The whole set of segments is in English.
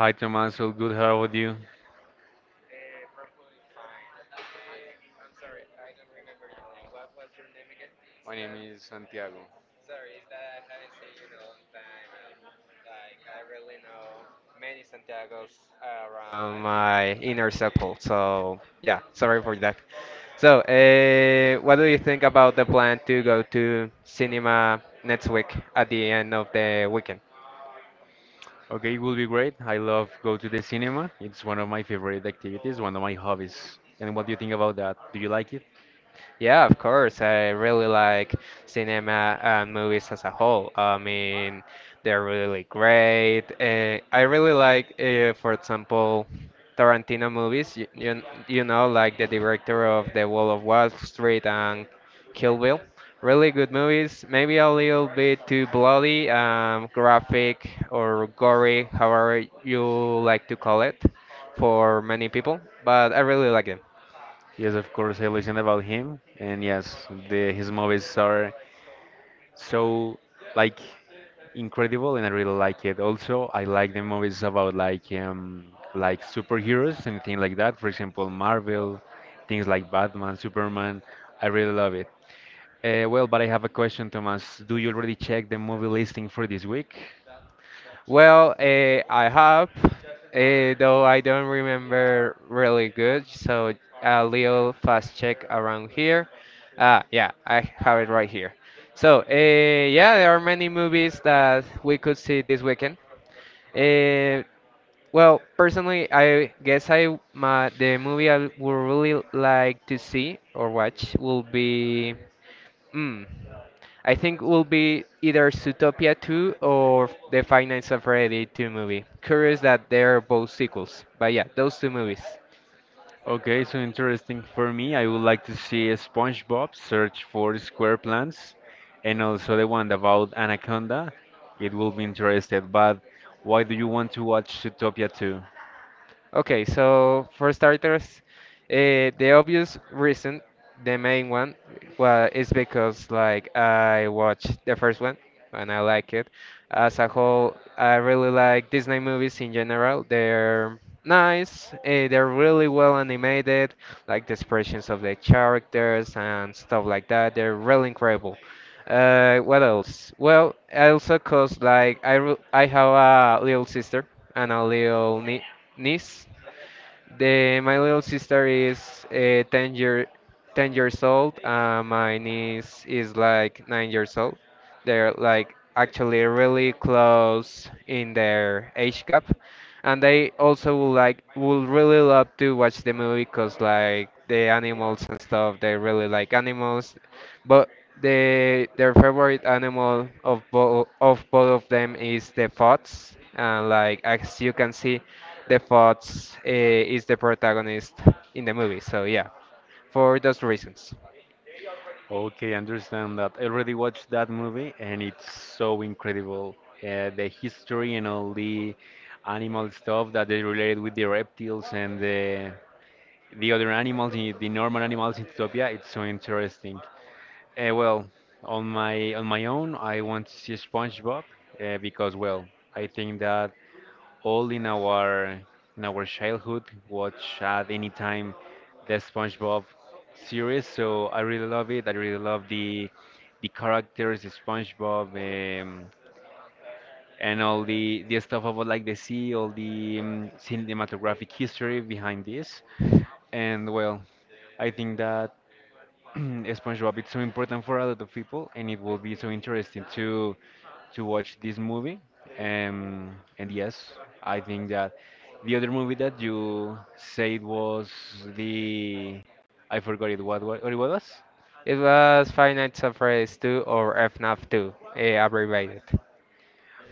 Hi, Thomas. Tommaso. Good. How are you? My name is Santiago. From my inner circle, so yeah, sorry for that. So, what do you think about the plan to go to cinema next week at the end of the weekend? Okay, it will be great. I love go to the cinema. It's one of my favorite activities, one of my hobbies. And what do you think about that? Do you like it? Yeah, of course. I really like cinema and movies as a whole. I mean, they're really great. I really like, for example, Tarantino movies. You know, like the director of The Wall Street and Kill Bill. Really good movies. Maybe a little bit too bloody, graphic, or gory, however you like to call it, for many people. But I really like them. Yes, of course. I listen about him, and yes, the his movies are so, like, incredible and I really like it. Also, I like the movies about like superheroes and things like that. For example, Marvel, things like Batman, Superman. I really love it. But I have a question, Thomas. Do you already check the movie listing for this week? Well, I have, though I don't remember really good, so a little fast check around here. Ah, yeah, I have it right here. So, yeah, there are many movies that we could see this weekend. Uh, well, personally, I guess the movie I would really like to see or watch will be. Mm. I think will be either Zootopia 2 or The Five Nights at Freddy 2 movie. Curious that they're both sequels, but yeah, those two movies. Okay, so interesting for me. I would like to see a SpongeBob search for square plants and also the one about Anaconda. It will be interested, but why do you want to watch Zootopia too? Okay, so for starters, the obvious reason, the main one, well, is because like I watched the first one and I like it. As a whole, I really like Disney movies in general. They're nice, they're really well animated, like the expressions of the characters and stuff like that. They're really incredible. What else? Well, also cause like I have a little sister and a little niece. My little sister is 10 years old. My niece is like 9 years old. They're like actually really close in their age gap. And they also would really love to watch the movie because like the animals and stuff, they really like animals. But their favorite animal of both of both of them is the fox. And like as you can see, the fox is the protagonist in the movie. So yeah, for those reasons, Okay, I understand that. I already watched that movie and it's so incredible. The history and all the animal stuff that they related with the reptiles and the other animals, the normal animals in Utopia, it's so interesting. Uh, well, on my own, I want to see SpongeBob because I think that all in our childhood watch at any time the SpongeBob series. So I really love it. I really love the characters, the SpongeBob, um, and all the stuff about like the sea, all the cinematographic history behind this. And well, I think that. SpongeBob it's so important for a lot of people, and it will be so interesting to watch this movie. And yes, I think that the other movie that you said was the I forgot it. What it was? it was Five Nights at Freddy's 2 or FNAF 2 abbreviated.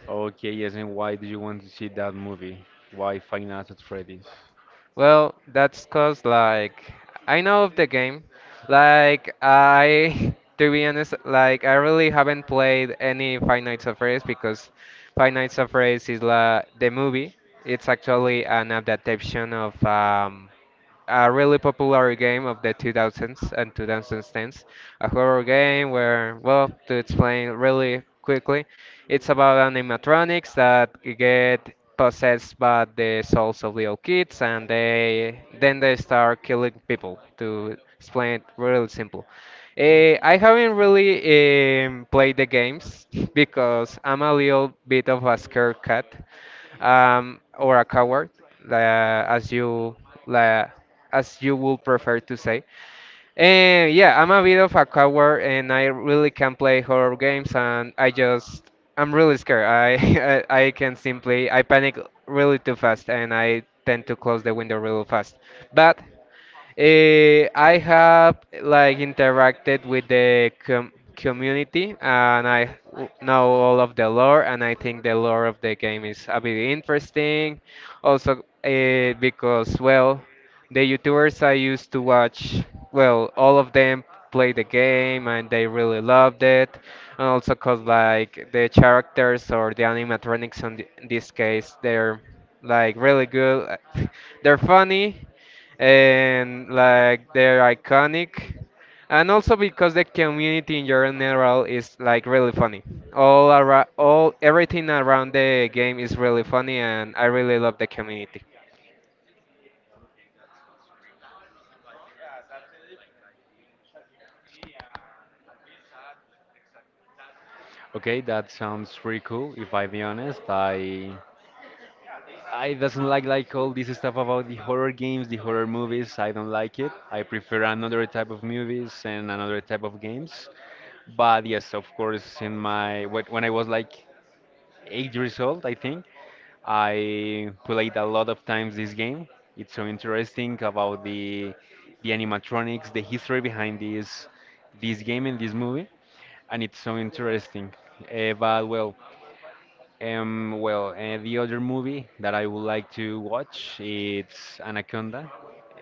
Okay, yes. And why do you want to see that movie? Why Five Nights at Freddy's? Well, that's cause like I know of the game, like I. To be honest, like I really haven't played any Five Nights at Freddy's because Five Nights at Freddy's is la the movie. It's actually an adaptation of a really popular game of the 2000s and 2010s. A horror game where, well, to explain really quickly, it's about animatronics that get possessed by the souls of little kids and they then they start killing people, to explain it really simple. Eh, I haven't really played the games because I'm a little bit of a scared cat, or a coward, as you like as you would prefer to say. And yeah, I'm a bit of a coward, and I really can't play horror games, and I just I'm really scared. I I can simply I panic really too fast, and I tend to close the window really fast. But eh, I have like interacted with the community and I know all of the lore, and I think the lore of the game is a bit interesting. Also, eh, because well, the YouTubers I used to watch, well, all of them play the game and they really loved it. And also cause like the characters or the animatronics on in this case, they're like really good. They're funny and like they're iconic, and also because the community in general is like really funny. All around, all everything around the game is really funny, and I really love the community. Okay, that sounds pretty cool. If I be honest, I doesn't like all this stuff about the horror games, the horror movies. I don't like it. I prefer another type of movies and another type of games. But yes, of course, in my when I was like 8 years old, I think I played a lot of times this game. It's so interesting about the animatronics, the history behind this game and this movie, and it's so interesting. Uh, but well, the other movie that I would like to watch it's Anaconda.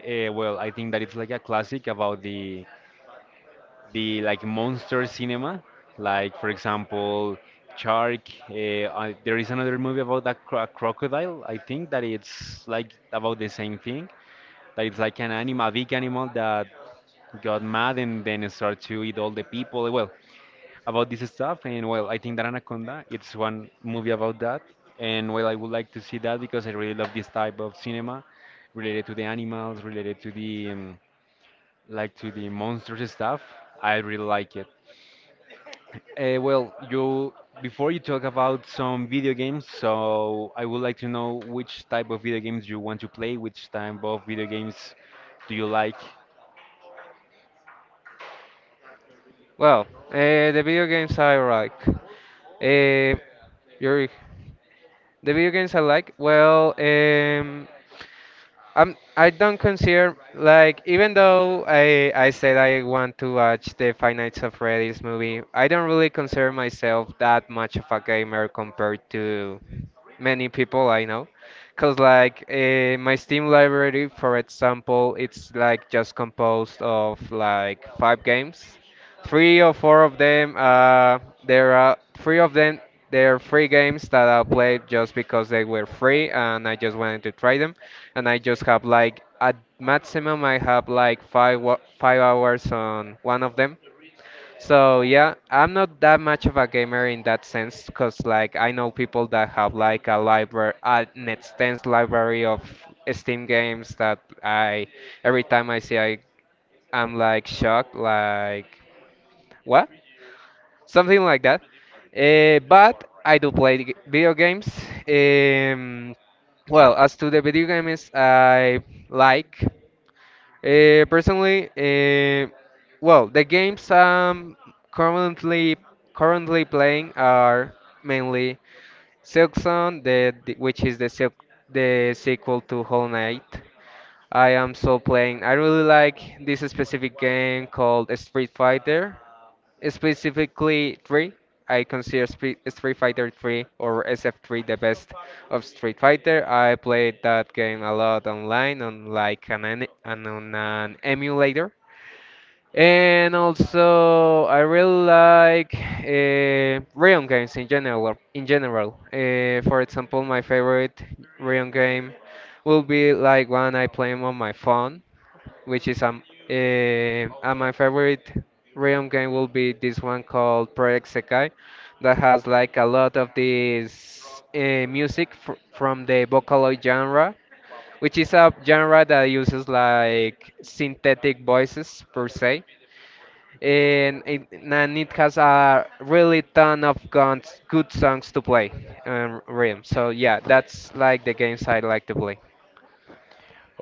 I think that it's like a classic about the like monster cinema, like for example, Shark. There is another movie about that crocodile. I think that it's like about the same thing. That it's like an animal, a big animal that got mad and then start to eat all the people. Well, about this stuff. And well, I think that Anaconda, it's one movie about that. And well, I would like to see that because I really love this type of cinema related to the animals, related to the like to the monsters stuff. I really like it. Well, you before you talk about some video games, so I would like to know which type of video games you want to play, which type of video games do you like? Well, the video games I like, your the video games I like, well, I am, I don't consider, like, even though I said I want to watch the Five Nights of Freddy's movie, I don't really consider myself that much of a gamer compared to many people I know. Cause like my Steam library, for example, it's like just composed of like five games. Three or four of them, there are three of them. They're free games that I played just because they were free and I just wanted to try them, and I just have like at maximum I have like 5 hours on one of them. So yeah, I'm not that much of a gamer in that sense because like I know people that have like a library, an extensive library of Steam games that I every time I see I'm like shocked, like what, something like that. But I do play video games. Um, well, as to the video games I like, personally, well, the games I'm currently currently playing are mainly Silksong, the which is the silk, the sequel to Hollow Knight. I am still playing. I really like this specific game called Street Fighter. Specifically, 3. I consider Street Fighter 3 or SF3 the best of Street Fighter. I played that game a lot online on like an emulator. And also, I really like Rayon games in general. In general, for example, my favorite Rayon game will be like one I play on my phone, which is and my favorite realm game will be this one called Project Sekai that has like a lot of this music from the Vocaloid genre, which is a genre that uses like synthetic voices per se. And it has a really ton of guns, good songs to play, Realm. So yeah, that's like the games I like to play.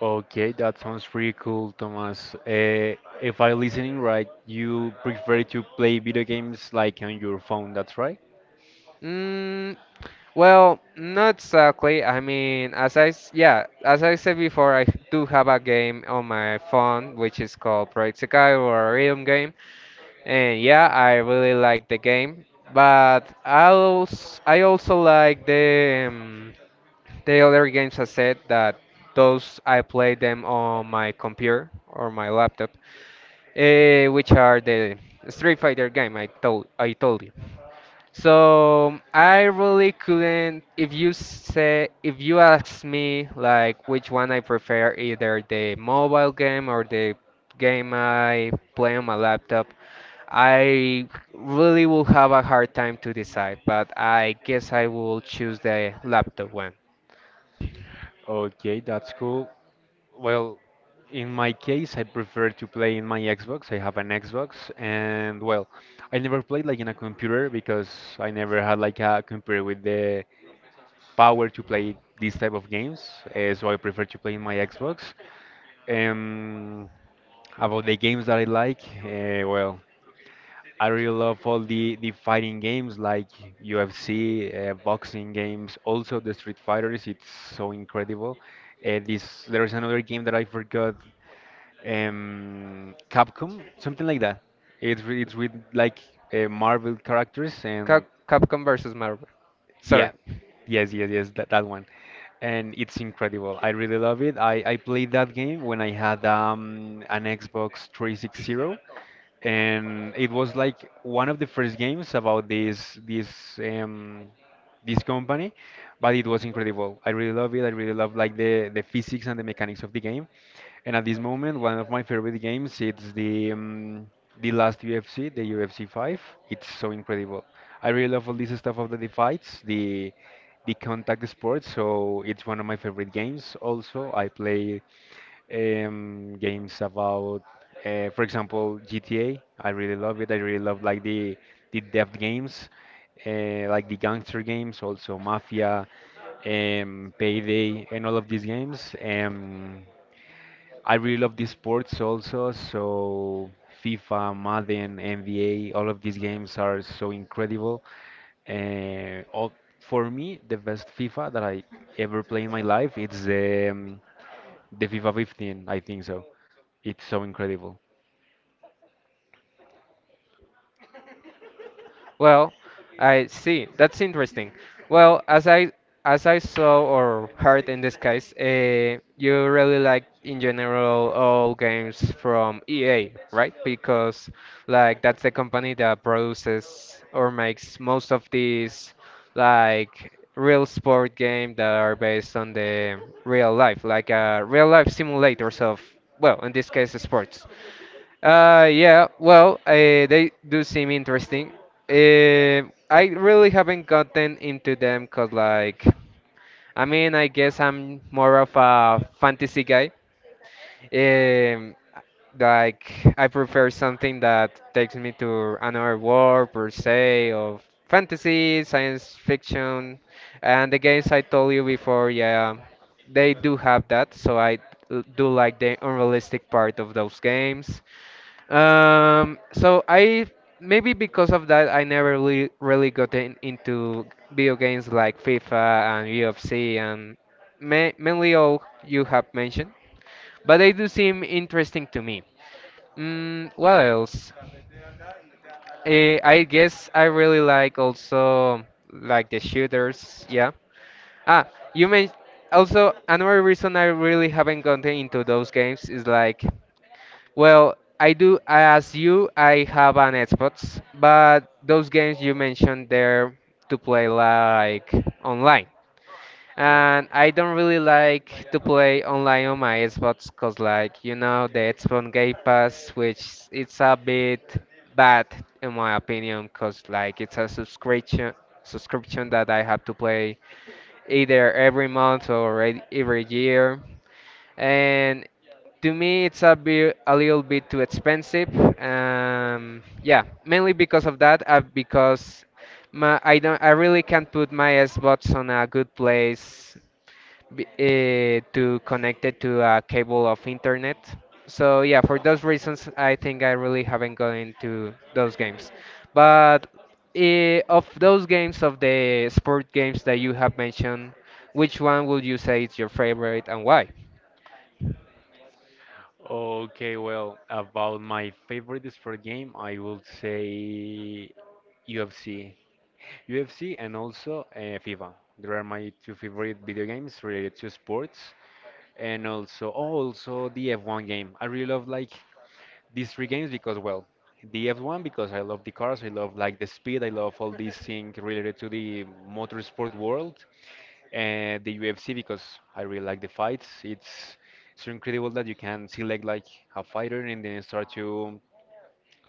Okay, that sounds pretty cool, Thomas. If I listening right, you prefer to play video games like on your phone, that's right? Mm, well, not exactly. I mean, yeah, as I said before, I do have a game on my phone which is called Project Sekai, or a rhythm game, and yeah, I really like the game. But I also like the other games I said that those I play them on my computer or my laptop, which are the Street Fighter game I told you. So I really couldn't. If you say, if you ask me, like which one I prefer, either the mobile game or the game I play on my laptop, I really will have a hard time to decide. But I guess I will choose the laptop one. Okay, that's cool. Well, in my case, I prefer to play in my Xbox. I have an Xbox, and well, I never played like in a computer because I never had like a computer with the power to play these type of games. So I prefer to play in my Xbox. Um, about the games that I like, I really love all the fighting games like UFC, boxing games, also the Street Fighters. It's so incredible. This there is another game that I forgot, Capcom, something like that. It's with like Marvel characters Cap and Capcom versus Marvel. yeah, Sorry. yes, that one. And it's incredible. I really love it. I played that game when I had an Xbox 360 and it was like one of the first games about this um, this company, but it was incredible. I really love it. I really love like the physics and the mechanics of the game. And at this moment, one of my favorite games it's the last UFC, the UFC 5. It's so incredible. I really love all this stuff of the fights, the contact sports. So it's one of my favorite games. Also, I play games about, for example, GTA. I really love it. I really love like the death games, like the gangster games, also Mafia, Payday, and all of these games. I really love the sports also, so FIFA, Madden, NBA, all of these games are so incredible. Uh, all, for me, the best FIFA that I ever play in my life, it's um, the FIFA 15, I think so. It's so incredible. Well, I see. That's interesting. Well, as I saw or heard in this case, you really like in general all games from EA, right? Because like that's the company that produces or makes most of these like real sport game that are based on the real life, like real life simulators of, well, in this case, sports. Yeah, well, they do seem interesting. I really haven't gotten into them because, like, I mean, I guess I'm more of a fantasy guy. Um, like, I prefer something that takes me to another world, per se, of fantasy, science fiction, and the games I told you before, yeah, they do have that, so I do like the unrealistic part of those games. So I maybe because of that I never really got into video games like FIFA and UFC, and ma mainly all you have mentioned, but they do seem interesting to me. Mm, what else? Eh, I guess I really like also like the shooters, yeah. Ah, you mentioned also another reason I really haven't gotten into those games is like, well, I do, as you, I have an Xbox, but those games you mentioned there to play like online. And I don't really like to play online on my Xbox because, like, you know, the Xbox Game Pass, which it's a bit bad in my opinion, because like it's a subscription that I have to play either every month or every year, and to me, it's a little bit too expensive. Yeah, mainly because of that. Because my I really can't put my Xbox on a good place b to connect it to a cable of internet. So yeah, for those reasons, I think I really haven't gone into those games. But of those games, of the sport games that you have mentioned, which one would you say is your favorite and why? Okay, well, about my favorite sport game, I would say UFC. UFC and also FIFA. There are my two favorite video games related to sports and also oh, also the F1 game. I really love like these three games because well, the F1 because I love the cars, I love like the speed, I love all these things related to the motorsport world, and the UFC because I really like the fights. It's so incredible that you can select like a fighter and then start to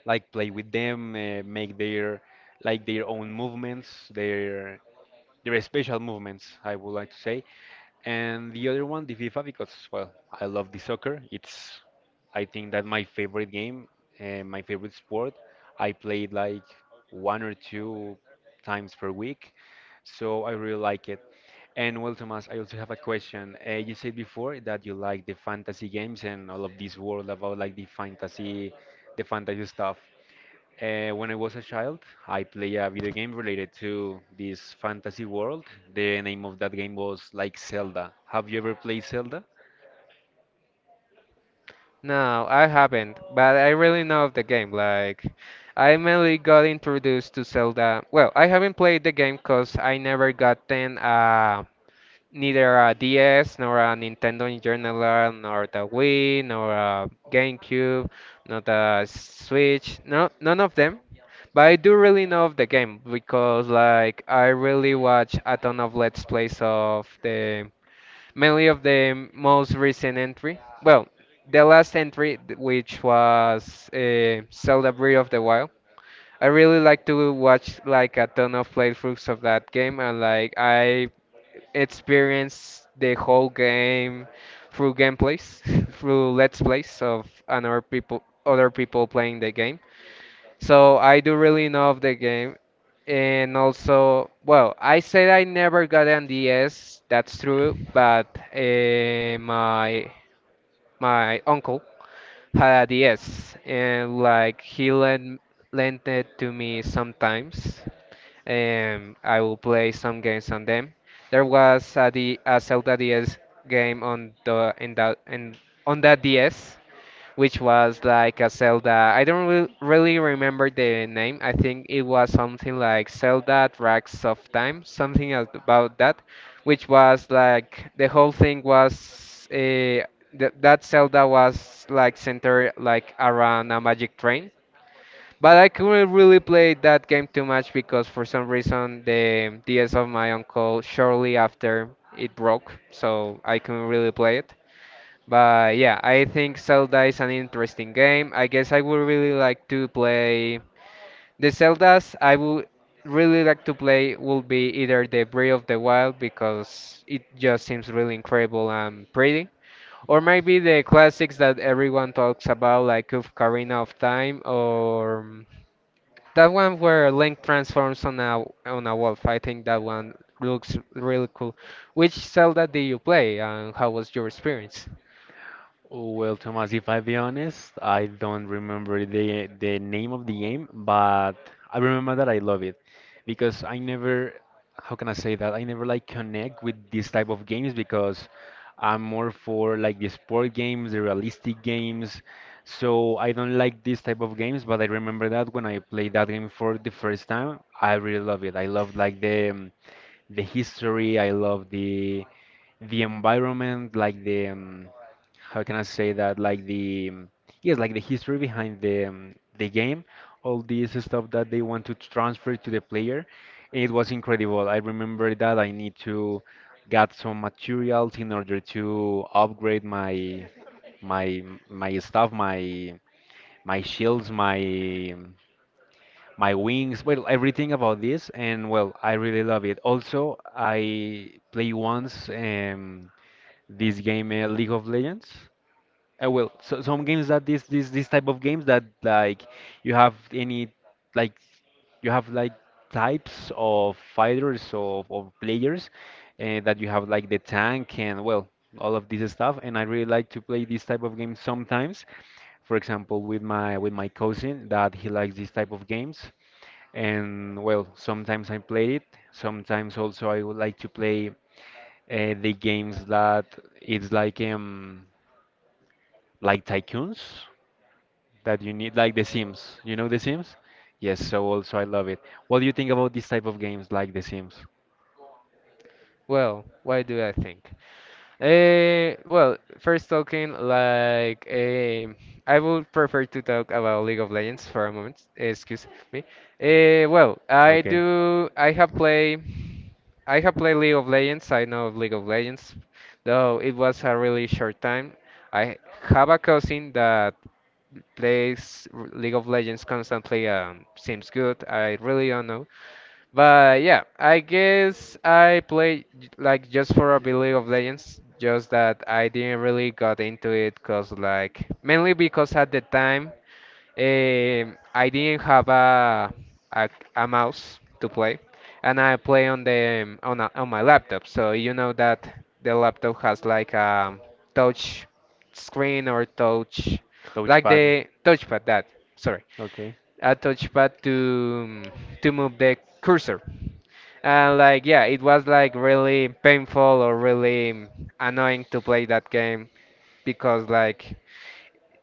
like play with them, make their like their own movements, their they're special movements, I would like to say. And the other one, the FIFA, because well, I love the soccer. It's, I think that my favorite game, my favorite sport. I play it like one or two times per week, so I really like it. And well, Thomas, I also have a question. You said before that you like the fantasy games and all of this world about like the fantasy stuff. When I was a child, I played a video game related to this fantasy world. The name of that game was like Zelda. Have you ever played Zelda? No, I haven't, but I really know of the game. Like, I mainly got introduced to Zelda. Well, I haven't played the game because I never got then neither a DS nor a Nintendo in general, nor the Wii, nor a GameCube, nor the Switch. No, none of them. But I do really know of the game because, like, I really watch a ton of Let's Plays of the mainly of the most recent entry. Well, the last entry, which was Zelda Breath of the Wild. I really like to watch like a ton of playthroughs of that game, and like I experienced the whole game through gameplays, through let's plays of another people, other people playing the game. So I do really know of the game. And also, well, I said I never got an DS, that's true, but my uncle had a DS, and like he lent it to me sometimes, and I will play some games on them. There was a, D, a Zelda DS game on the in that in on that DS, which was like a Zelda. I don't re really remember the name. I think it was something like Zelda Tracks of Time, something about that, which was like the whole thing was uh, th that Zelda was like centered like around a magic train. But I couldn't really play that game too much because for some reason the DS of my uncle shortly after it broke, so I couldn't really play it. But yeah, I think Zelda is an interesting game. I guess I would really like to play the Zeldas. I would really like to play will be either the Breath of the Wild because it just seems really incredible and pretty, or maybe the classics that everyone talks about like Ocarina of Time or that one where Link transforms on a wolf. I think that one looks really cool. Which Zelda did you play, and how was your experience? Oh, well, Thomas, if I be honest, I don't remember the name of the game, but I remember that I love it because I never, how can I say that? I never like connect with this type of games because I'm more for like the sport games, the realistic games. So I don't like this type of games, but I remember that when I played that game for the first time, I really love it. I love like the history. I love the environment, like the how can I say that, like the yes, like the history behind the game, all this stuff that they want to transfer to the player. It was incredible. I remember that I need to get some materials in order to upgrade my my stuff, my shields, my wings, well, everything about this, and well, I really love it. Also, I play once. This game League of Legends. Some games that this type of games that like you have any like you have like types of fighters of players that you have like the tank and well all of this stuff and I really like to play this type of games sometimes. For example, with my cousin that he likes this type of games and well sometimes I play it. Sometimes also I would like to play the games that it's like like tycoons that you need like The Sims. You know The Sims? Yes, so also I love it. What do you think about this type of games like The Sims? Well, why do I think? Well, first talking like I would prefer to talk about League of Legends for a moment. Excuse me. Well, I Okay. do. I have played League of Legends. I know of League of Legends, though it was a really short time. I have a cousin that plays League of Legends constantly. Seems good. I really don't know. But yeah, I guess I played like just for a bit League of Legends, just that I didn't really got into it cause like mainly because at the time I didn't have a a mouse to play, and I play on the on my laptop. So you know that the laptop has like a touch screen or touch like Touchpad. the touchpad that sorry Okay. a touchpad to move the cursor, and like yeah, it was like really painful or really annoying to play that game because like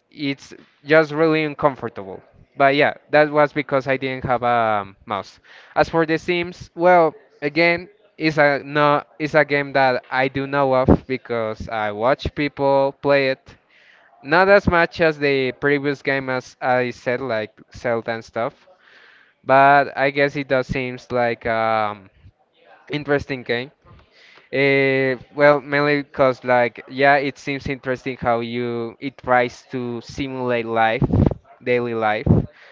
it's just really uncomfortable. But yeah, that was because I didn't have a mouse. As for the Sims, well, again, it's a no it's a game that I do know of because I watch people play it, not as much as the previous game as I said, like Zelda and stuff. But I guess it does seems like interesting game. Well, mainly because like yeah, it seems interesting how you it tries to simulate life, daily life.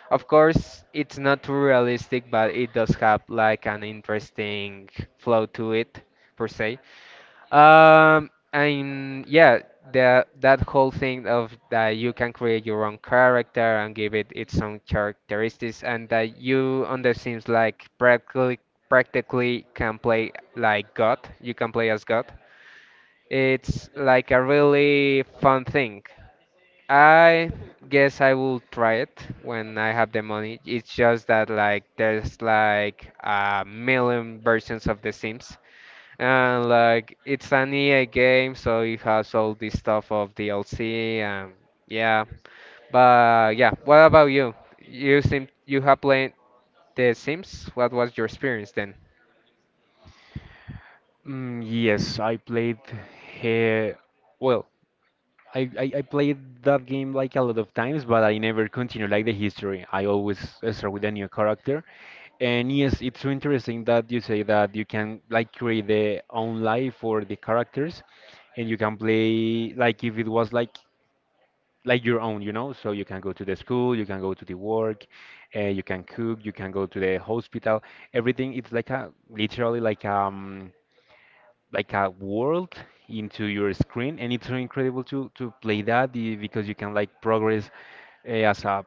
Of course, it's not too realistic, but it does have like an interesting flow to it per se. And yeah, the that whole thing of that you can create your own character and give it its own characteristics, and that you on the Sims like practically can play like God. You can play as God. It's like a really fun thing. I guess I will try it when I have the money. It's just that like there's like a million versions of The Sims, and like it's an EA game, so it has all this stuff of DLC and yeah. But yeah, what about you? You seem you have played The Sims. What was your experience then? Yes, I played here. Well, I played that game like a lot of times, but I never continue like the history. I always start with a new character, and yes, it's so interesting that you say that you can like create the own life for the characters, and you can play like if it was like your own, you know. So you can go to the school, you can go to the work, you can cook, you can go to the hospital. Everything it's like a literally like a world into your screen and it's so incredible to play because you can like progress as a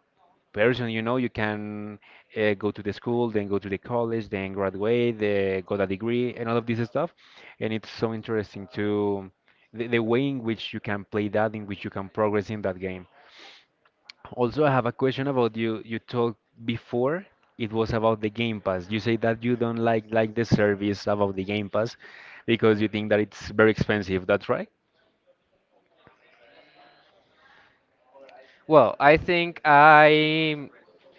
person you know you can go to the school then go to the college then graduate got a degree and all of this stuff and it's so interesting to the way in which you can play that in which you can progress in that game also, I have a question about you. You talked before it was about the Game Pass. You say that you don't like the service about the Game Pass because you think that it's very expensive. That's right? Well, I think I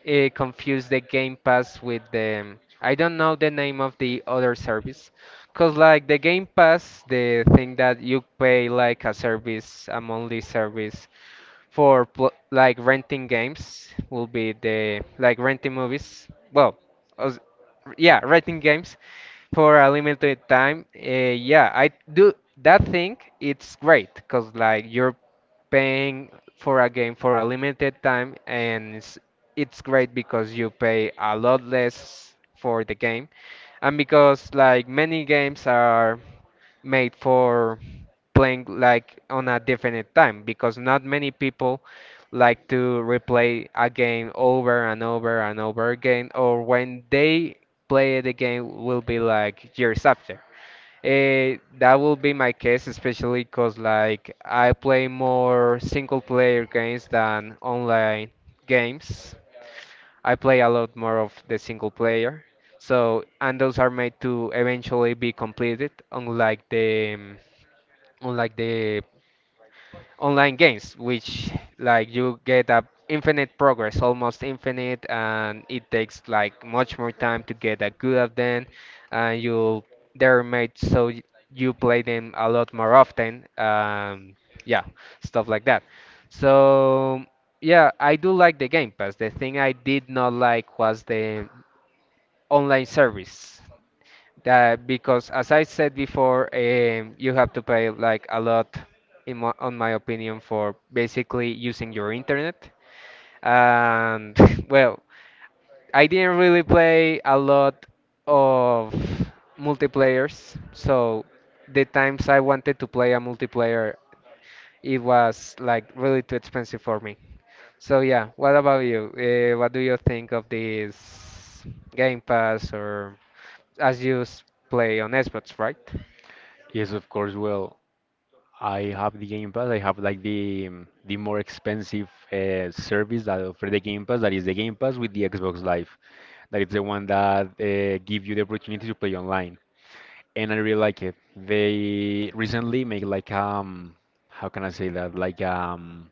confused the Game Pass with the I don't know the name of the other service, cause like the Game Pass, the thing that you pay like a service, a monthly service for pl like renting games will be the like renting movies. Well, as- yeah, renting games for a limited time. Yeah, I do that thing. It's great because like you're paying for a game for a limited time, and it's great because you pay a lot less for the game, and because like many games are made for playing like on a definite time because not many people like to replay a game over and over and over again, or when they play it again will be like years after. Eh, that will be my case, especially because like I play more single player games than online games. I play a lot more of the single player. So, and those are made to eventually be completed, unlike the online games, which like you get a infinite progress, almost infinite, and it takes like much more time to get a good at them, and you they're made so you play them a lot more often. Yeah, stuff like that. So yeah, I do like the Game Pass. The thing I did not like was the online service. That because as I said before, you have to pay like a lot, in my, on my opinion, for basically using your internet. And well, I didn't really play a lot of multiplayers, so the times I wanted to play a multiplayer, it was like really too expensive for me. So yeah, what about you? What do you think of this Game Pass, or as you play on Xbox, right? Yes, of course. Well, I have the Game Pass. I have like the more expensive service that offer the Game Pass. That is the Game Pass with the Xbox Live. That is the one that give you the opportunity to play online. And I really like it. They recently make like how can I say that?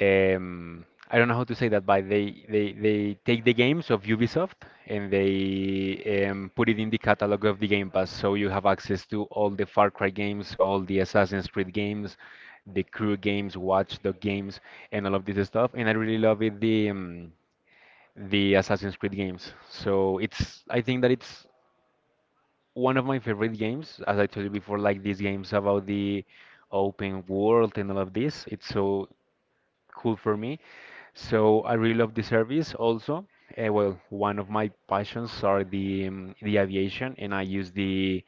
um, I don't know how to say that, but they take the games of Ubisoft and they put it in the catalog of the Game Pass, so you have access to all the Far Cry games, all the Assassin's Creed games, the Crew games, Watch Dog games, and all of this stuff. And I really love it the Assassin's Creed games. So it's I think that it's one of my favorite games, as I told you before, like these games about the open world and all of this. It's so cool for me. So I really love the service also. One of my passions are the aviation, and I use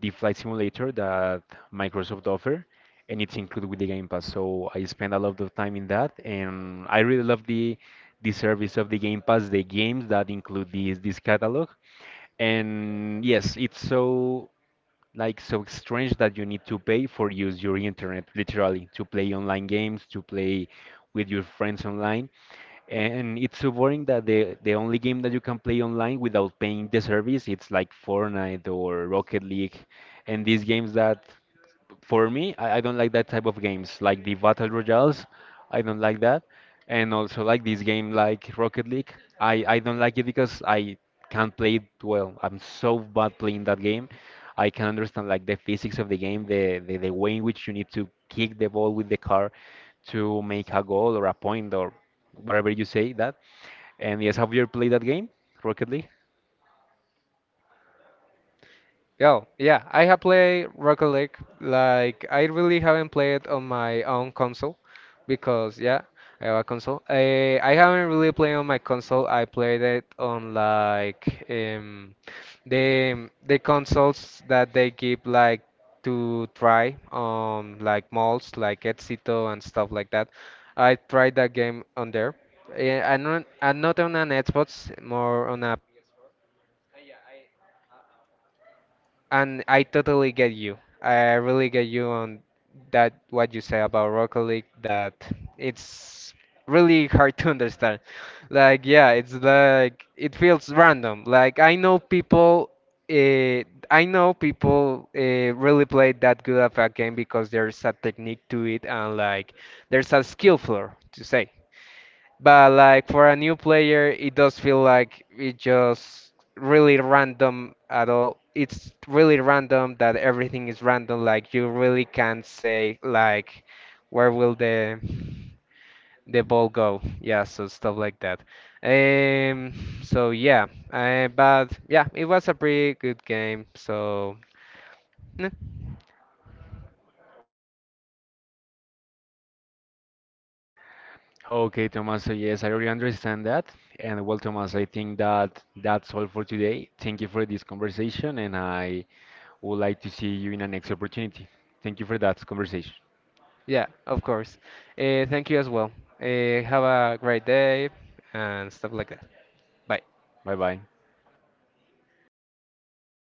the flight simulator that Microsoft offer, and it's included with the Game Pass. So I spend a lot of time in that, and I really love the service of the Game Pass, the games that include this catalog. And yes, it's so like so strange that you need to pay for use your internet literally to play online games, to play with your friends online. And it's so boring that the only game that you can play online without paying the service, it's like Fortnite or Rocket League and these games that for me, I don't like that type of games, like the battle royales. I don't like that, and also like this game, like Rocket League. I don't like it because I can't play it well. I'm so bad playing that game. I can understand like the physics of the game, the way in which you need to kick the ball with the car to make a goal or a point or whatever you say that. And yes, have you ever played that game, Rocket League? Yo, yeah, I have played Rocket League. Like, I really haven't played on my own console because, yeah, I have a console. I haven't really played on my console. I played it on like the consoles that they give like to try on like malls, like Éxito and stuff like that. I tried that game on there. Yeah, I'm not on an Xbox, more on a And I totally get you. I really get you on that what you say about Rocket League that it's really hard to understand. Like yeah, it's like it feels random. Like I know people uh, I know people uh, really play that good of a game because there's a technique to it, and like there's a skill floor to say. But like for a new player, it does feel like it just really random at all. It's really random that everything is random. Like you really can't say like where will the ball go. Yeah, so stuff like that. Um, so yeah, but yeah, it was a pretty good game. So eh, Okay, Thomas. So yes, I really understand that. And well, Thomas, I think that that's all for today. Thank you for this conversation, and I would like to see you in a next opportunity. Thank you for that conversation. yeah, of course. Thank you as well. Have a great day and stuff like that. Bye. Bye bye.